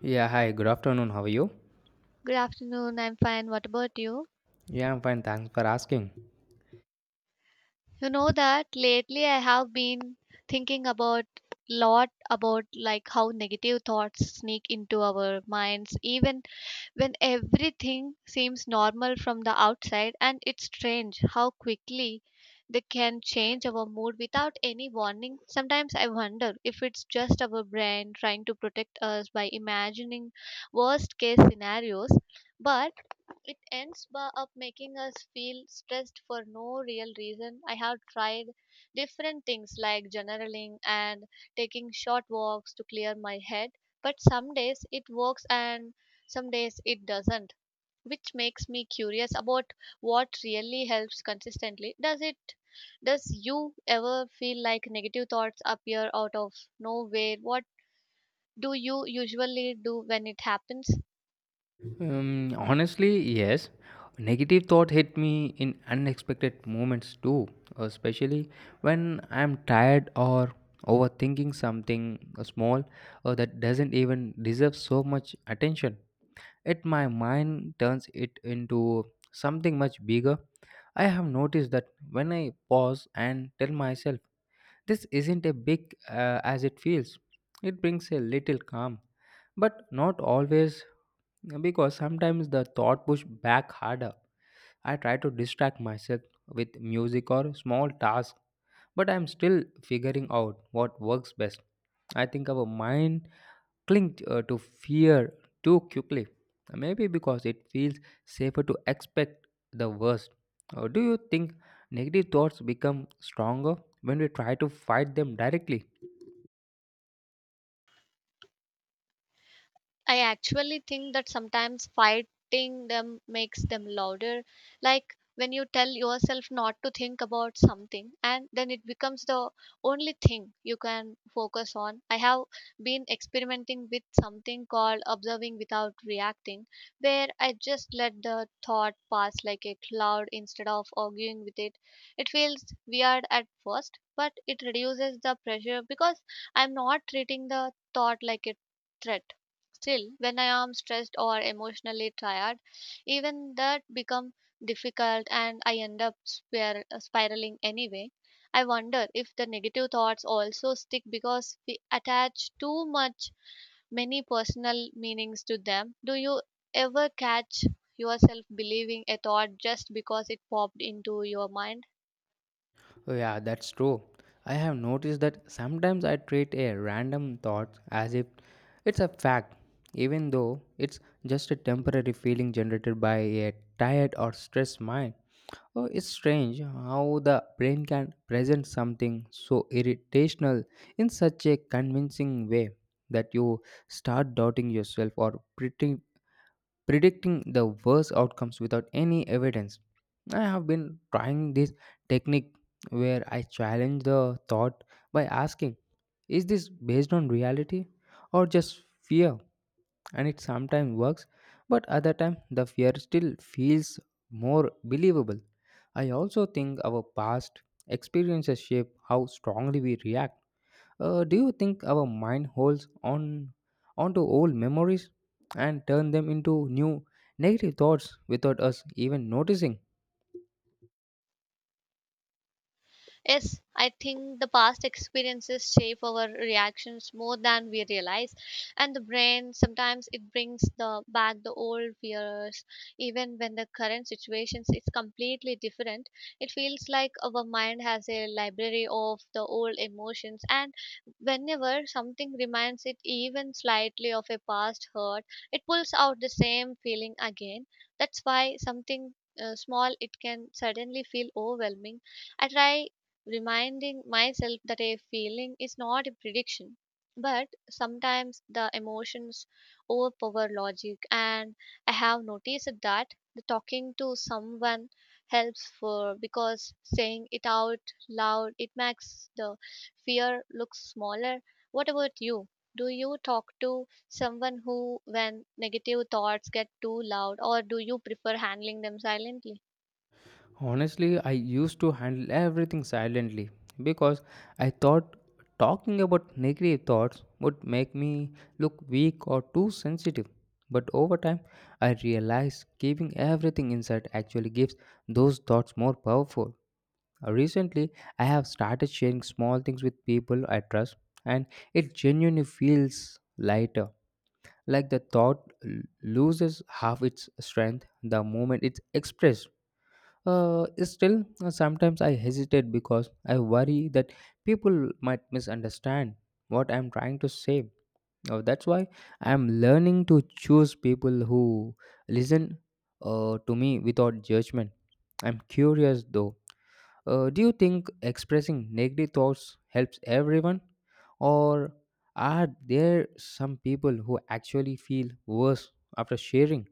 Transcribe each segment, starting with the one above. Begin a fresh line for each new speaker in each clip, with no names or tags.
Yeah, hi, good afternoon. How are you?
Good afternoon. I'm fine. What about you?
Yeah, I'm fine. Thanks for asking.
You know that lately I have been thinking about lot about like how negative thoughts sneak into our minds even when everything seems normal from the outside, and it's strange how quickly they can change our mood without any warning. Sometimes I wonder if it's just our brain trying to protect us by imagining worst case scenarios, but it ends up making us feel stressed for no real reason. I have tried different things like journaling and taking short walks to clear my head, but some days it works and some days it doesn't, which makes me curious about what really helps consistently. Does it does you ever feel like negative thoughts appear out of nowhere? What do you usually do when it happens?
Honestly, yes. Negative thought hit me in unexpected moments too, especially when I'm tired or overthinking something small or that doesn't even deserve so much attention. It my mind turns it into something much bigger. I have noticed that when I pause and tell myself this isn't a big as it feels. It brings a little calm, but not always because sometimes the thought push back harder. I try to distract myself with music or small tasks, but I'm still figuring out what works best. I think our mind cling to fear too quickly, maybe because it feels safer to expect the worst. Or do you think negative thoughts become stronger when we try to fight them directly?
I actually think that sometimes fighting them makes them louder. Like when you tell yourself not to think about something and then it becomes the only thing you can focus on. I have been experimenting with something called observing without reacting, where I just let the thought pass like a cloud instead of arguing with it. It feels weird at first, but it reduces the pressure because I'm not treating the thought like a threat. Still, when I am stressed or emotionally tired, even that become difficult and I end up spiraling anyway. I wonder if the negative thoughts also stick because we attach too much many personal meanings to them. Do you ever catch yourself believing a thought just because it popped into your mind?
Oh, yeah, that's true. I have noticed that sometimes I treat a random thought as if it's a fact, even though it's just a temporary feeling generated by a tired or stressed mind. Oh, it's strange how the brain can present something so irritational in such a convincing way that you start doubting yourself or predicting the worst outcomes without any evidence. I have been trying this technique where I challenge the thought by asking, is this based on reality or just fear? And it sometimes works, but other time the fear still feels more believable. I also think our past experiences shape how strongly we react. Do you think our mind holds on onto old memories and turn them into new negative thoughts without us even noticing?
Yes, I think the past experiences shape our reactions more than we realize, and the brain sometimes it brings the back the old fears, even when the current situations is completely different. It feels like our mind has a library of the old emotions, and whenever something reminds it even slightly of a past hurt, it pulls out the same feeling again. That's why something small it can suddenly feel overwhelming. I try reminding myself that a feeling is not a prediction. But sometimes the emotions overpower logic, and I have noticed that the talking to someone helps for because saying it out loud it makes the fear look smaller. What about you? Do you talk to someone who, when negative thoughts get too loud, or do you prefer handling them silently?
Honestly, I used to handle everything silently because I thought talking about negative thoughts would make me look weak or too sensitive. But over time, I realized keeping everything inside actually gives those thoughts more powerful. Recently, I have started sharing small things with people I trust, and it genuinely feels lighter. Like the thought loses half its strength the moment it's expressed. Still, sometimes I hesitate because I worry that people might misunderstand what I'm trying to say. That's why I'm learning to choose people who listen to me without judgment. I'm curious though. Do you think expressing negative thoughts helps everyone? Or are there some people who actually feel worse after sharing?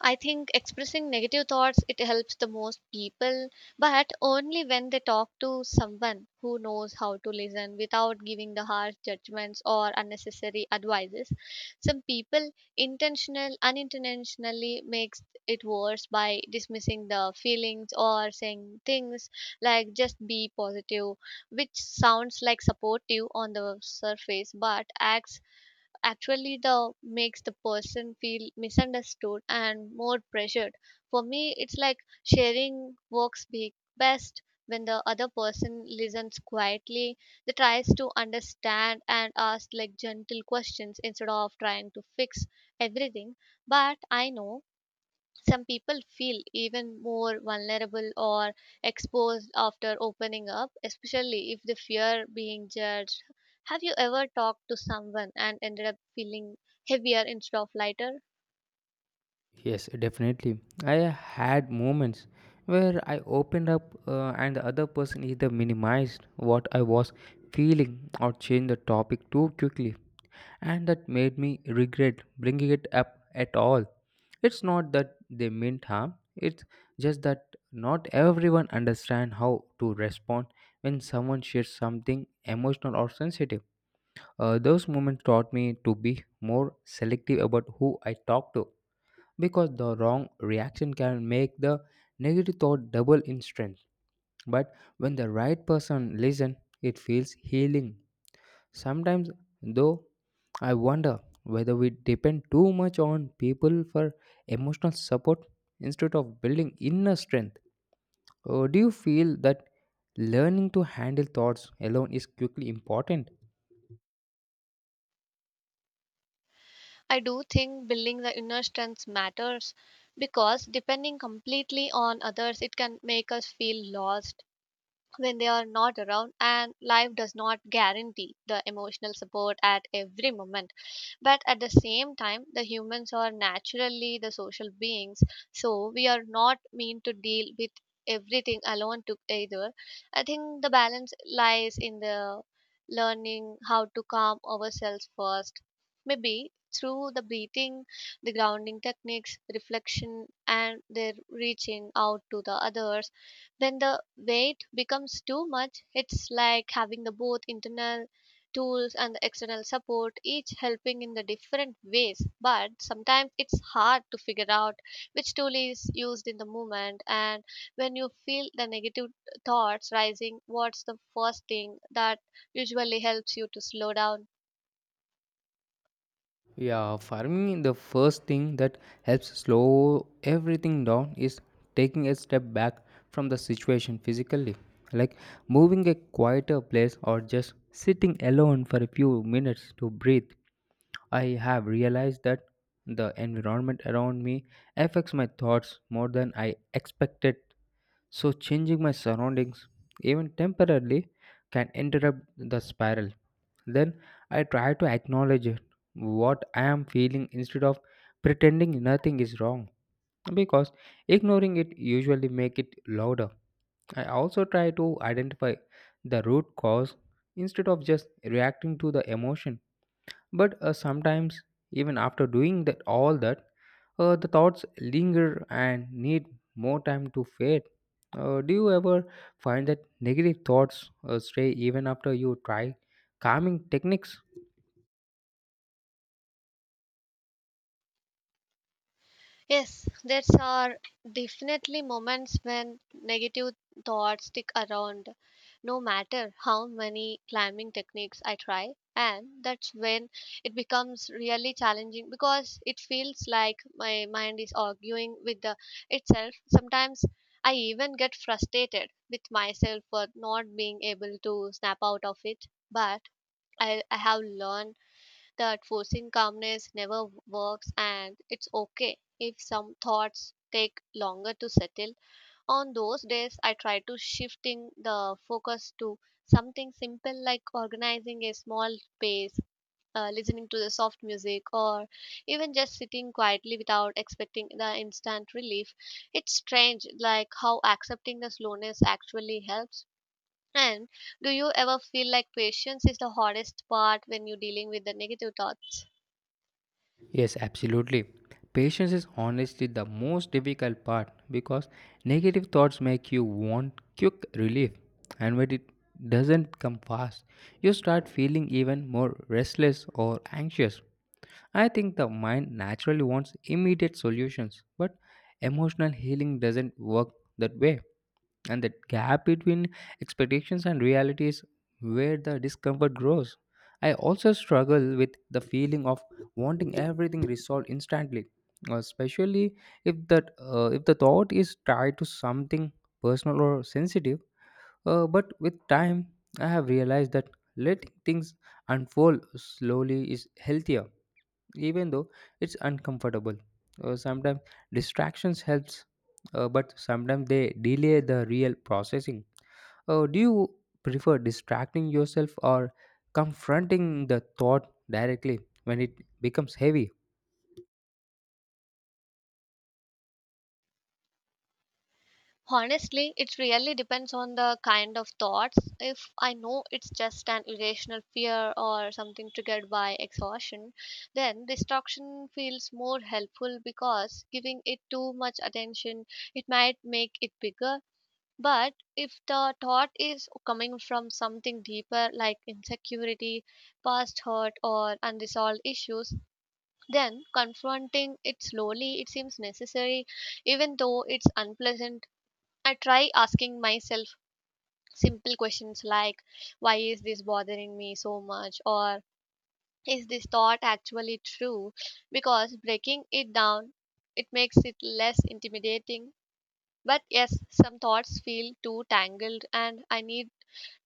I think expressing negative thoughts it helps the most people, but only when they talk to someone who knows how to listen without giving the harsh judgments or unnecessary advices. Some people intentional unintentionally makes it worse by dismissing the feelings or saying things like just be positive, which sounds like supportive on the surface but acts actually the makes the person feel misunderstood and more pressured. For me it's like sharing works be best when the other person listens quietly, they tries to understand and ask like gentle questions instead of trying to fix everything. But I know some people feel even more vulnerable or exposed after opening up, especially if they fear being judged. Have you ever talked to someone and ended up feeling heavier instead of lighter?
Yes, definitely. I had moments where I opened up, and the other person either minimized what I was feeling or changed the topic too quickly, and that made me regret bringing it up at all. It's not that they meant harm, it's just that not everyone understands how to respond when someone shares something emotional or sensitive. Those moments taught me to be more selective about who I talk to because the wrong reaction can make the negative thought double in strength. But when the right person listens, it feels healing. Sometimes, though, I wonder whether we depend too much on people for emotional support instead of building inner strength. Or do you feel that learning to handle thoughts alone is quickly important?
I do think building the inner strength matters because depending completely on others, it can make us feel lost when they are not around, and life does not guarantee the emotional support at every moment. But at the same time the humans are naturally the social beings, so we are not meant to deal with everything alone to either. I think the balance lies in the learning how to calm ourselves first, maybe through the breathing, the grounding techniques, reflection, and their reaching out to the others when the weight becomes too much. It's like having the both internal tools and the external support, each helping in the different ways, but sometimes it's hard to figure out which tool is used in the moment. And when you feel the negative thoughts rising, what's the first thing that usually helps you to slow down?
Yeah, for me, the first thing that helps slow everything down is taking a step back from the situation physically, like moving a quieter place or just sitting alone for a few minutes to breathe. I have realized that the environment around me affects my thoughts more than I expected, so changing my surroundings, even temporarily, can interrupt the spiral. Then I try to acknowledge it, what I am feeling instead of pretending nothing is wrong because ignoring it usually make it louder. I also try to identify the root cause instead of just reacting to the emotion. But sometimes even after doing that all that, the thoughts linger and need more time to fade. Do you ever find that negative thoughts stray even after you try calming techniques?
Yes, there are definitely moments when negative thoughts stick around, no matter how many climbing techniques I try. And that's when it becomes really challenging because it feels like my mind is arguing with the itself. Sometimes I even get frustrated with myself for not being able to snap out of it. But I have learned that forcing calmness never works and it's okay if some thoughts take longer to settle. On those days I try to shifting the focus to something simple like organizing a small space, listening to the soft music, or even just sitting quietly without expecting the instant relief. It's strange like how accepting the slowness actually helps. And do you ever feel like patience is the hardest part when you're dealing with the negative thoughts?
Yes, absolutely. Patience is honestly the most difficult part because negative thoughts make you want quick relief, and when it doesn't come fast, you start feeling even more restless or anxious. I think the mind naturally wants immediate solutions, but emotional healing doesn't work that way, and the gap between expectations and reality is where the discomfort grows. I also struggle with the feeling of wanting everything resolved instantly, especially if the thought is tied to something personal or sensitive. But with time, I have realized that letting things unfold slowly is healthier, even though it's uncomfortable. Sometimes distractions helps, but sometimes they delay the real processing. Do you prefer distracting yourself or confronting the thought directly when it becomes heavy?
Honestly, it really depends on the kind of thoughts. If I know it's just an irrational fear or something triggered by exhaustion, then distraction feels more helpful because giving it too much attention, it might make it bigger. But if the thought is coming from something deeper like insecurity, past hurt, or unresolved issues, then confronting it slowly it seems necessary, even though it's unpleasant. I try asking myself simple questions like, why is this bothering me so much? Or is this thought actually true? Because breaking it down, it makes it less intimidating. But yes, some thoughts feel too tangled and I need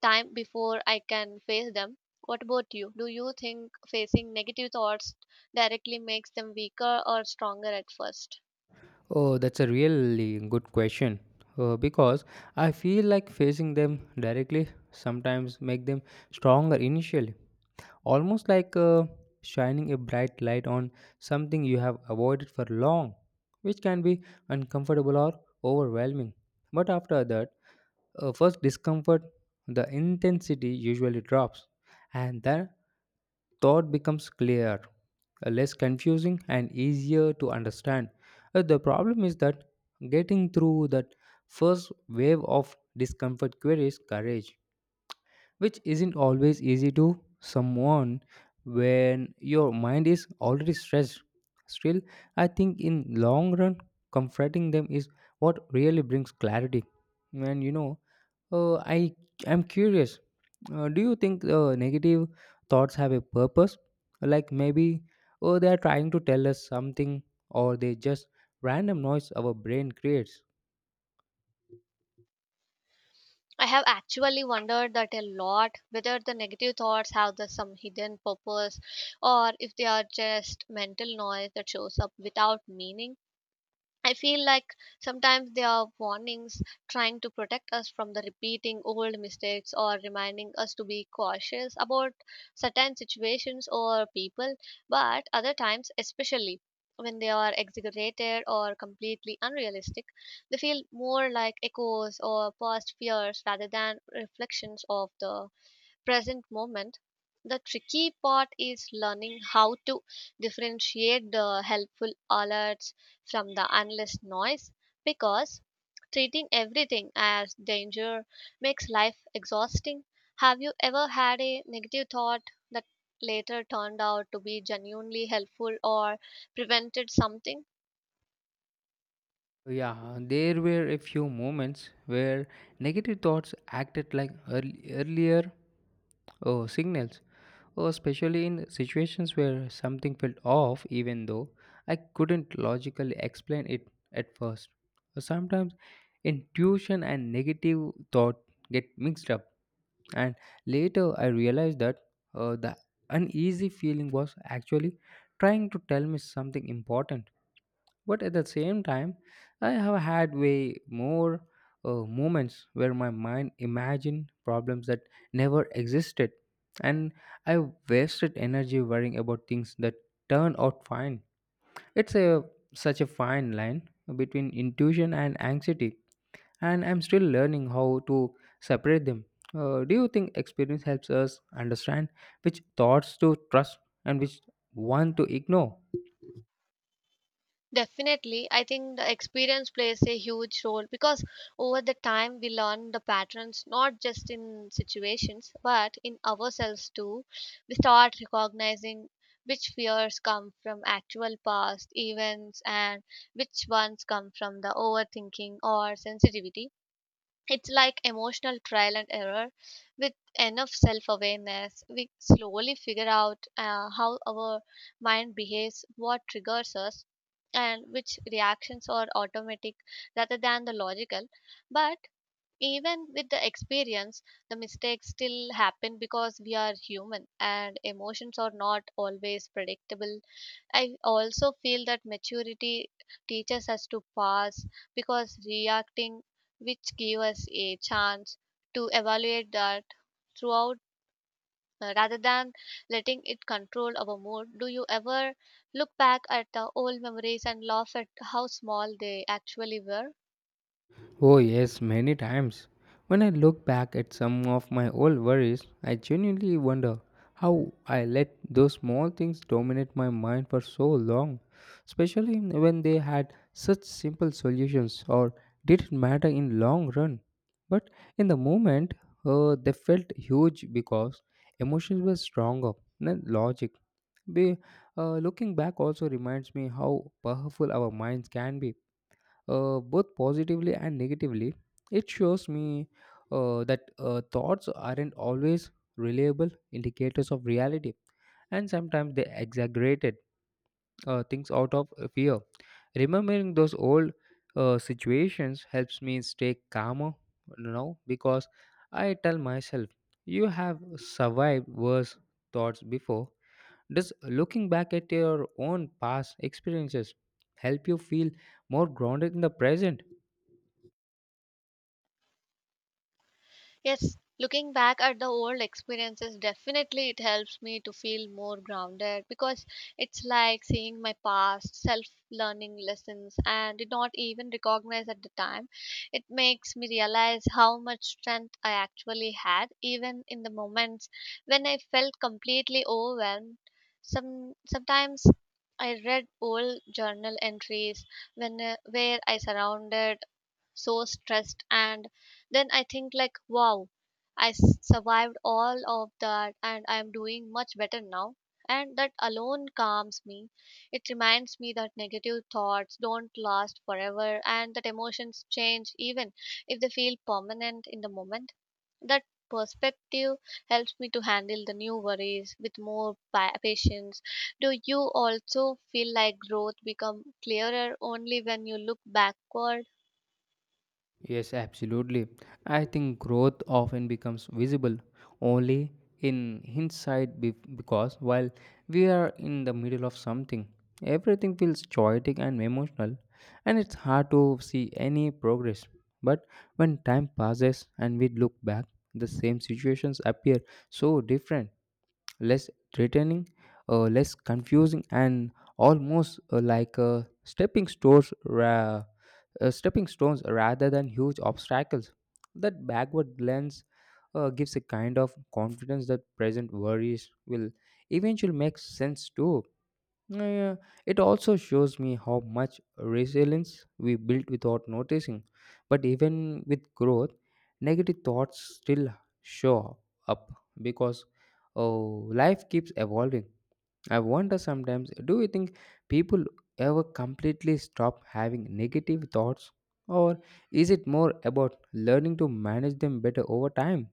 time before I can face them. What about you? Do you think facing negative thoughts directly makes them weaker or stronger at first?
Oh, that's a really good question. Because I feel like facing them directly sometimes make them stronger initially, almost like shining a bright light on something you have avoided for long, which can be uncomfortable or overwhelming. But after that, first, discomfort, the intensity usually drops, and then thought becomes clear, less confusing, and easier to understand. The problem is that getting through that first wave of discomfort queries courage, which isn't always easy to someone when your mind is already stressed. Still, I think in long run, comforting them is what really brings clarity. And you know, uh, I I'm curious. Do you think negative thoughts have a purpose? Like maybe oh they are trying to tell us something, or they just random noise our brain creates.
I have actually wondered that a lot whether the negative thoughts have the, some hidden purpose or if they are just mental noise that shows up without meaning. I feel like sometimes they are warnings trying to protect us from the repeating old mistakes or reminding us to be cautious about certain situations or people. But other times, especially when they are exaggerated or completely unrealistic, they feel more like echoes or past fears rather than reflections of the present moment. The tricky part is learning how to differentiate the helpful alerts from the endless noise, because treating everything as danger makes life exhausting. Have you ever had a negative thought that later turned out to be genuinely helpful or prevented something?
Yeah, there were a few moments where negative thoughts acted like earlier oh, signals. Well, especially in situations where something felt off, even though I couldn't logically explain it at first. So sometimes intuition and negative thought get mixed up, and later I realized that the uneasy feeling was actually trying to tell me something important. But at the same time, I have had way more moments where my mind imagined problems that never existed, and I wasted energy worrying about things that turned out fine. It's a such a fine line between intuition and anxiety, and I'm still learning how to separate them. Do you think experience helps us understand which thoughts to trust and which one to ignore?
Definitely, I think the experience plays a huge role because over the time we learn the patterns not just in situations but in ourselves too. We start recognizing which fears come from actual past events and which ones come from the overthinking or sensitivity. It's like emotional trial and error. With enough self awareness we slowly figure out how our mind behaves, what triggers us, and which reactions are automatic rather than the logical. But even with the experience the mistakes still happen because we are human and emotions are not always predictable. I also feel that maturity teaches us to pause, because reacting which give us a chance to evaluate that throughout, rather than letting it control our mood. Do you ever look back at the old memories and laugh at how small they actually were?
Oh, yes, many times. When I look back at some of my old worries, I genuinely wonder how I let those small things dominate my mind for so long, especially when they had such simple solutions or didn't matter in long run. But in the moment, they felt huge because emotions were stronger than logic. Be, Looking back also reminds me how powerful our minds can be, both positively and negatively. It shows me that thoughts aren't always reliable indicators of reality, and sometimes they exaggerated things out of fear. Remembering those old situations helps me stay calmer now because I tell myself, you have survived worse thoughts before. Does looking back at your own past experiences help you feel more grounded in the present?
Yes, looking back at the old experiences, definitely it helps me to feel more grounded because it's like seeing my past self learning lessons and did not even recognize at the time. It makes me realize how much strength I actually had, even in the moments when I felt completely overwhelmed. Sometimes I read old journal entries when where I surrounded so stressed, and then I think like, wow, I survived all of that and I am doing much better now, and that alone calms me. It reminds me that negative thoughts don't last forever and that emotions change even if they feel permanent in the moment. That perspective helps me to handle the new worries with more patience. Do you also feel like growth become clearer only when you look backward?
Yes, absolutely. I think growth often becomes visible only in hindsight because while we are in the middle of something, everything feels chaotic and emotional, and it's hard to see any progress. But when time passes and we look back, the same situations appear so different, less threatening, less confusing, and almost like stepping stones rather than huge obstacles. That backward glance gives a kind of confidence that present worries will eventually make sense too. Uh, it also shows me how much resilience we built without noticing. But even with growth, negative thoughts still show up because oh, life keeps evolving. I wonder sometimes, do you think people ever completely stop having negative thoughts, or is it more about learning to manage them better over time?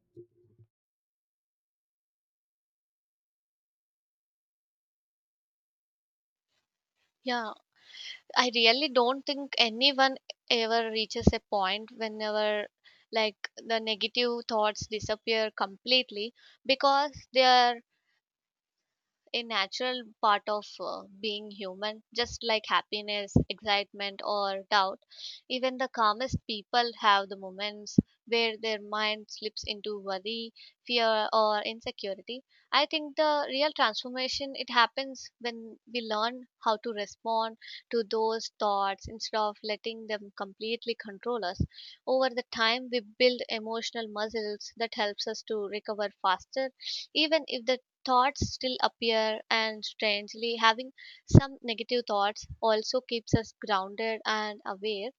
Yeah, I really don't think anyone ever reaches a point whenever like the negative thoughts disappear completely because they are a natural part of being human, just like happiness, excitement, or doubt. Even the calmest people have the moments where their mind slips into worry, fear, or insecurity. I think the real transformation it happens when we learn how to respond to those thoughts instead of letting them completely control us. Over the time, we build emotional muscles that helps us to recover faster, even if the thoughts still appear. And strangely, having some negative thoughts also keeps us grounded and aware.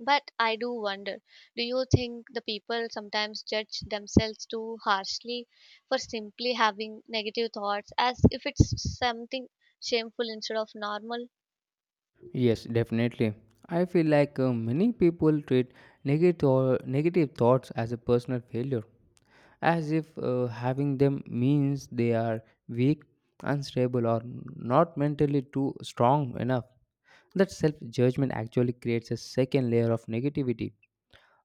But I do wonder, do you think the people sometimes judge themselves too harshly for simply having negative thoughts as if it's something shameful instead of normal?
Yes, definitely. I feel like many people treat negative thoughts as a personal failure, as if having them means they are weak, unstable, or not mentally too strong enough. That self judgment actually creates a second layer of negativity.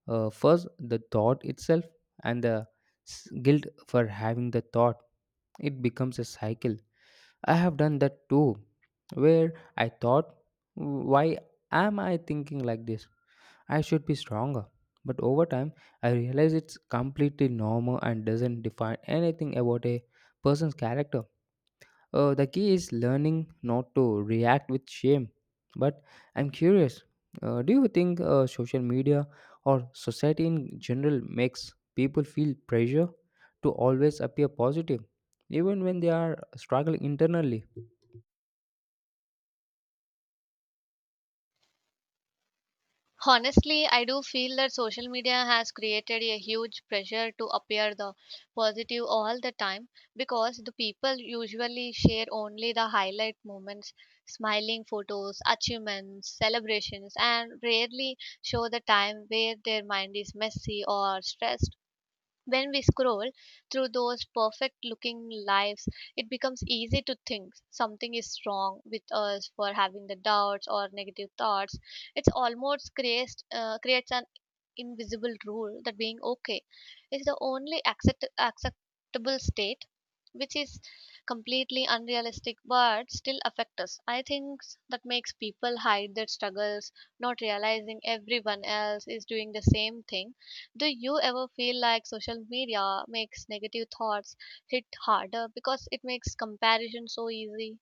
First, the thought itself, and the guilt for having the thought. It becomes a cycle. I have done that too, where I thought, why am I thinking like this? I should be stronger. But over time, I realized it's completely normal and doesn't define anything about a person's character. The key is learning not to react with shame. But I'm curious, do you think social media or society in general makes people feel pressure to always appear positive, even when they are struggling internally?
Honestly, I do feel that social media has created a huge pressure to appear the positive all the time because the people usually share only the highlight moments, smiling photos, achievements, celebrations, and rarely show the time where their mind is messy or stressed. When we scroll through those perfect looking lives, it becomes easy to think something is wrong with us for having the doubts or negative thoughts. It's almost creates an invisible rule that being okay is the only acceptable state, which is completely unrealistic but still affect us. I think that makes people hide their struggles, not realizing everyone else is doing the same thing. Do you ever feel like social media makes negative thoughts hit harder because it makes comparison so easy?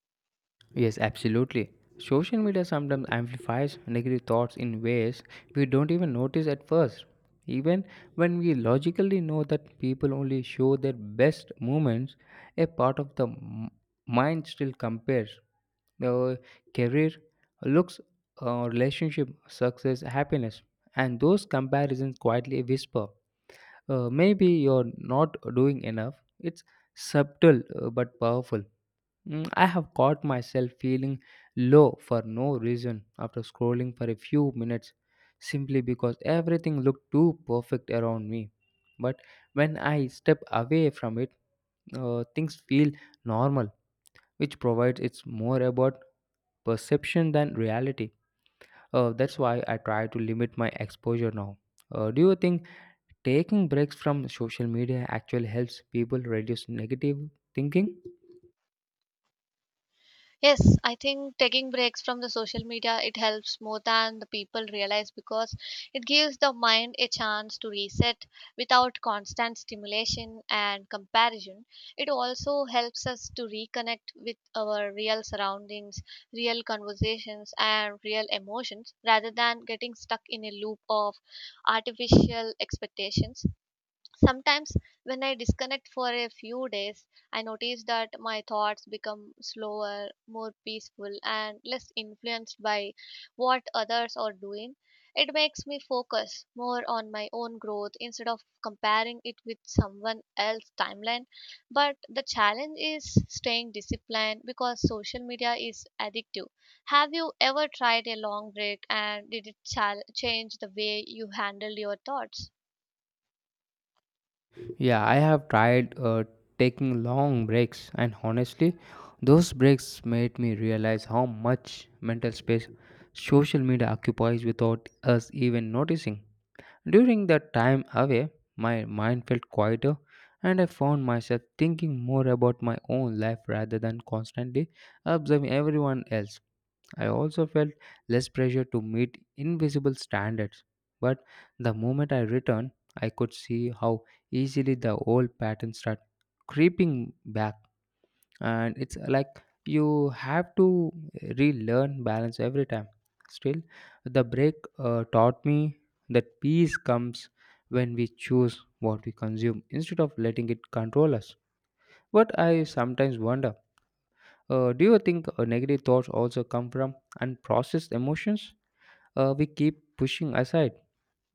Yes, absolutely. Social media sometimes amplifies negative thoughts in ways we don't even notice at first. Even when we logically know that people only show their best moments, a part of the mind still compares the career, looks, relationship, success, happiness, and those comparisons quietly whisper, "Maybe you're not doing enough." It's subtle but powerful. Mm, I have caught myself feeling low for no reason after scrolling for a few minutes simply because everything looked too perfect around me. But when I step away from it, things feel normal, which provides it's more about perception than reality. That's why I try to limit my exposure now. Do you think taking breaks from social media actually helps people reduce negative thinking?
Yes, I think taking breaks from the social media it helps more than the people realize because it gives the mind a chance to reset without constant stimulation and comparison. It also helps us to reconnect with our real surroundings, real conversations, and real emotions rather than getting stuck in a loop of artificial expectations. Sometimes when I disconnect for a few days, I notice that my thoughts become slower, more peaceful, and less influenced by what others are doing. It makes me focus more on my own growth instead of comparing it with someone else's timeline. But the challenge is staying disciplined because social media is addictive. Have you ever tried a long break and did it change the way you handle your thoughts?
Yeah, I have tried taking long breaks, and honestly, those breaks made me realize how much mental space social media occupies without us even noticing. During that time away, my mind felt quieter, and I found myself thinking more about my own life rather than constantly observing everyone else. I also felt less pressure to meet invisible standards, but the moment I returned, I could see how easily the old patterns start creeping back, and it's like you have to relearn balance every time. Still, the break taught me that peace comes when we choose what we consume instead of letting it control us. But I sometimes wonder, do you think negative thoughts also come from unprocessed emotions we keep pushing aside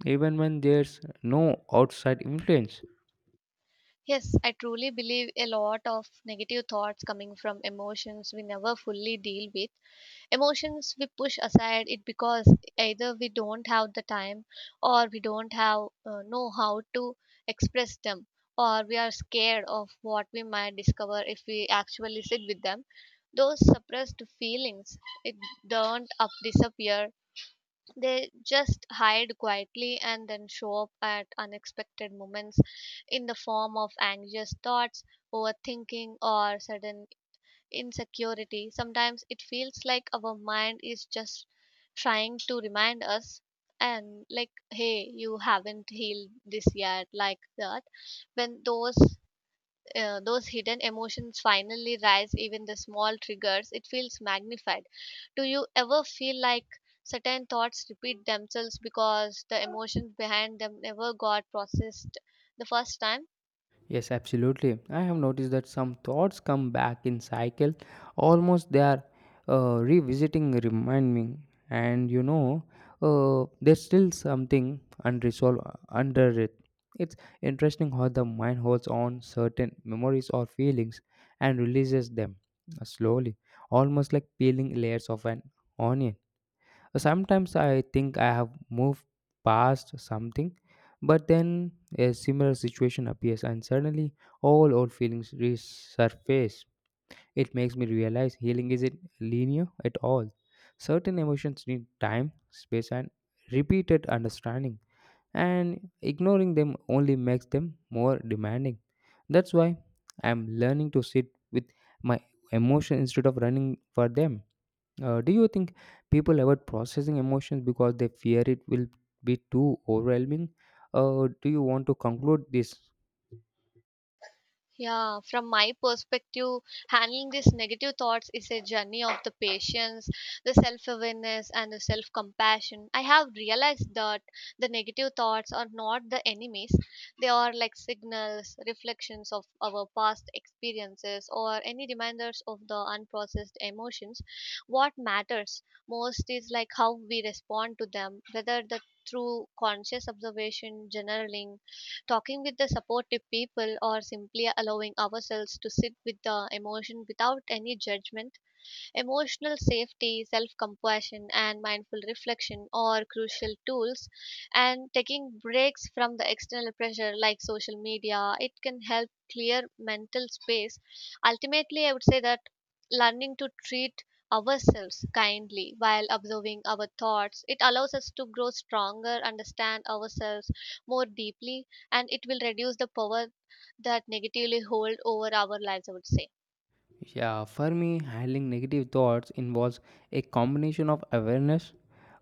even when there's no outside influence?
Yes, I truly believe a lot of negative thoughts coming from emotions we never fully deal with. Emotions we push aside it because either we don't have the time or we don't have know how to express them, or we are scared of what we might discover if we actually sit with them. Those suppressed feelings it don't up disappear, they just hide quietly and then show up at unexpected moments in the form of anxious thoughts, overthinking, or sudden insecurity. Sometimes it feels like our mind is just trying to remind us and like, hey, you haven't healed this yet. Like that, when those hidden emotions finally rise, even the small triggers it feels magnified. Do you ever feel like certain thoughts repeat themselves because the emotions behind them never got processed the first time?
Yes, absolutely. I have noticed that some thoughts come back in cycle, almost they are revisiting, remind me, and there's still something unresolved under it. It's interesting how the mind holds on certain memories or feelings and releases them slowly, almost like peeling layers of an onion. So sometimes I think I have moved past something, but then a similar situation appears and suddenly all old feelings resurface. It makes me realize healing isn't linear at all. Certain emotions need time, space, and repeated understanding, and ignoring them only makes them more demanding. That's why I'm learning to sit with my emotion instead of running for them. Do you think people avoid processing emotions because they fear it will be too overwhelming? Do you want to conclude this?
Yeah, from my perspective, handling these negative thoughts is a journey of the patience, the self awareness, and the self compassion. I have realized that the negative thoughts are not the enemies, they are like signals, reflections of our past experiences, or any reminders of the unprocessed emotions. What matters most is like how we respond to them, whether the through conscious observation, journaling, talking with the supportive people, or simply allowing ourselves to sit with the emotion without any judgment. Emotional safety, self compassion, and mindful reflection are crucial tools. And taking breaks from the external pressure like social media, it can help clear mental space. Ultimately, I would say that learning to treat ourselves kindly while observing our thoughts it allows us to grow stronger, understand ourselves more deeply, and it will reduce the power that negatively hold over our lives, I would say.
Yeah, for me, handling negative thoughts involves a combination of awareness,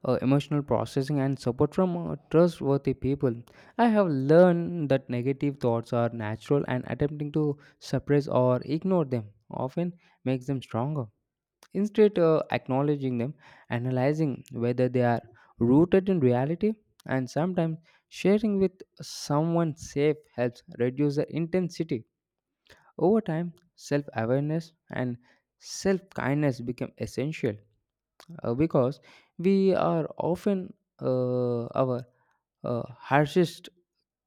emotional processing, and support from trustworthy people. I have learned that negative thoughts are natural and attempting to suppress or ignore them often makes them stronger. Instead, of acknowledging them, analyzing whether they are rooted in reality, and sometimes sharing with someone safe helps reduce the intensity. Over time, self awareness and self kindness become essential because we are often our harshest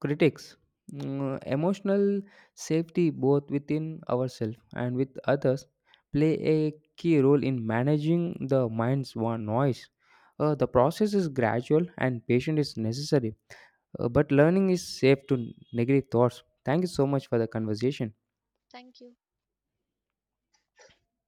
critics. Mm, emotional safety, both within ourselves and with others, play a key role in managing the mind's one noise. The process is gradual and patience is necessary, but learning is safe to negative thoughts. Thank you so much for the conversation.
Thank you.